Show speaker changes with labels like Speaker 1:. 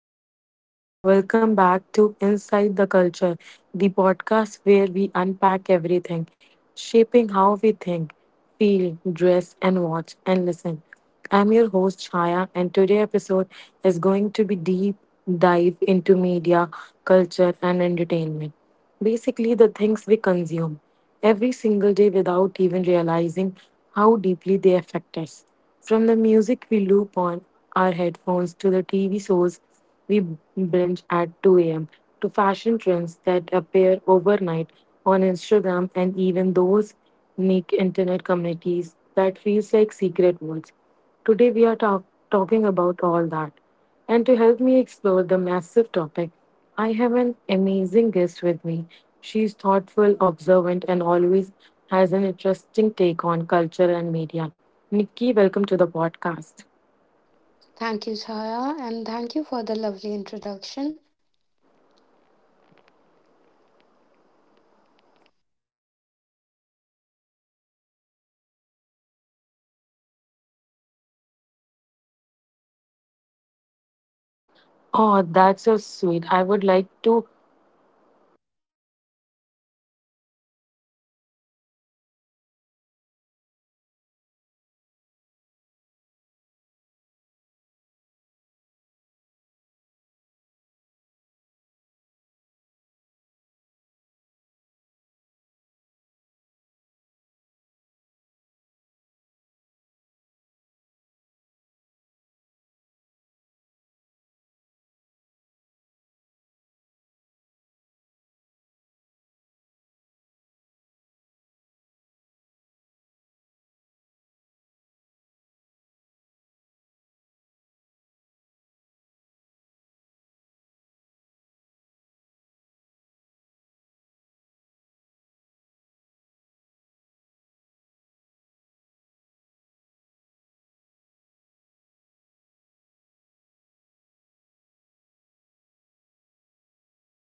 Speaker 1: Hello, everyone. Welcome back to Inside the Culture, the podcast where we unpack everything, shaping how we think, feel, dress, and watch and listen. I'm your host, Chaya, and today's episode is going to be deep dive into media, culture, and entertainment. Basically, the things we consume every single day without even realizing how deeply they affect us. From the music we loop on our headphones to the TV shows we binge at 2 a.m. to fashion trends that appear overnight on Instagram and even those unique internet communities that feels like secret words. Today we are talking about all that. And to help me explore the massive topic, I have an amazing guest with me. She's thoughtful, observant, and always has an interesting take on culture and media. Nikki, welcome to the podcast.
Speaker 2: Thank you, Chaya, and thank you for the lovely introduction.
Speaker 1: Oh, that's so sweet. I would like to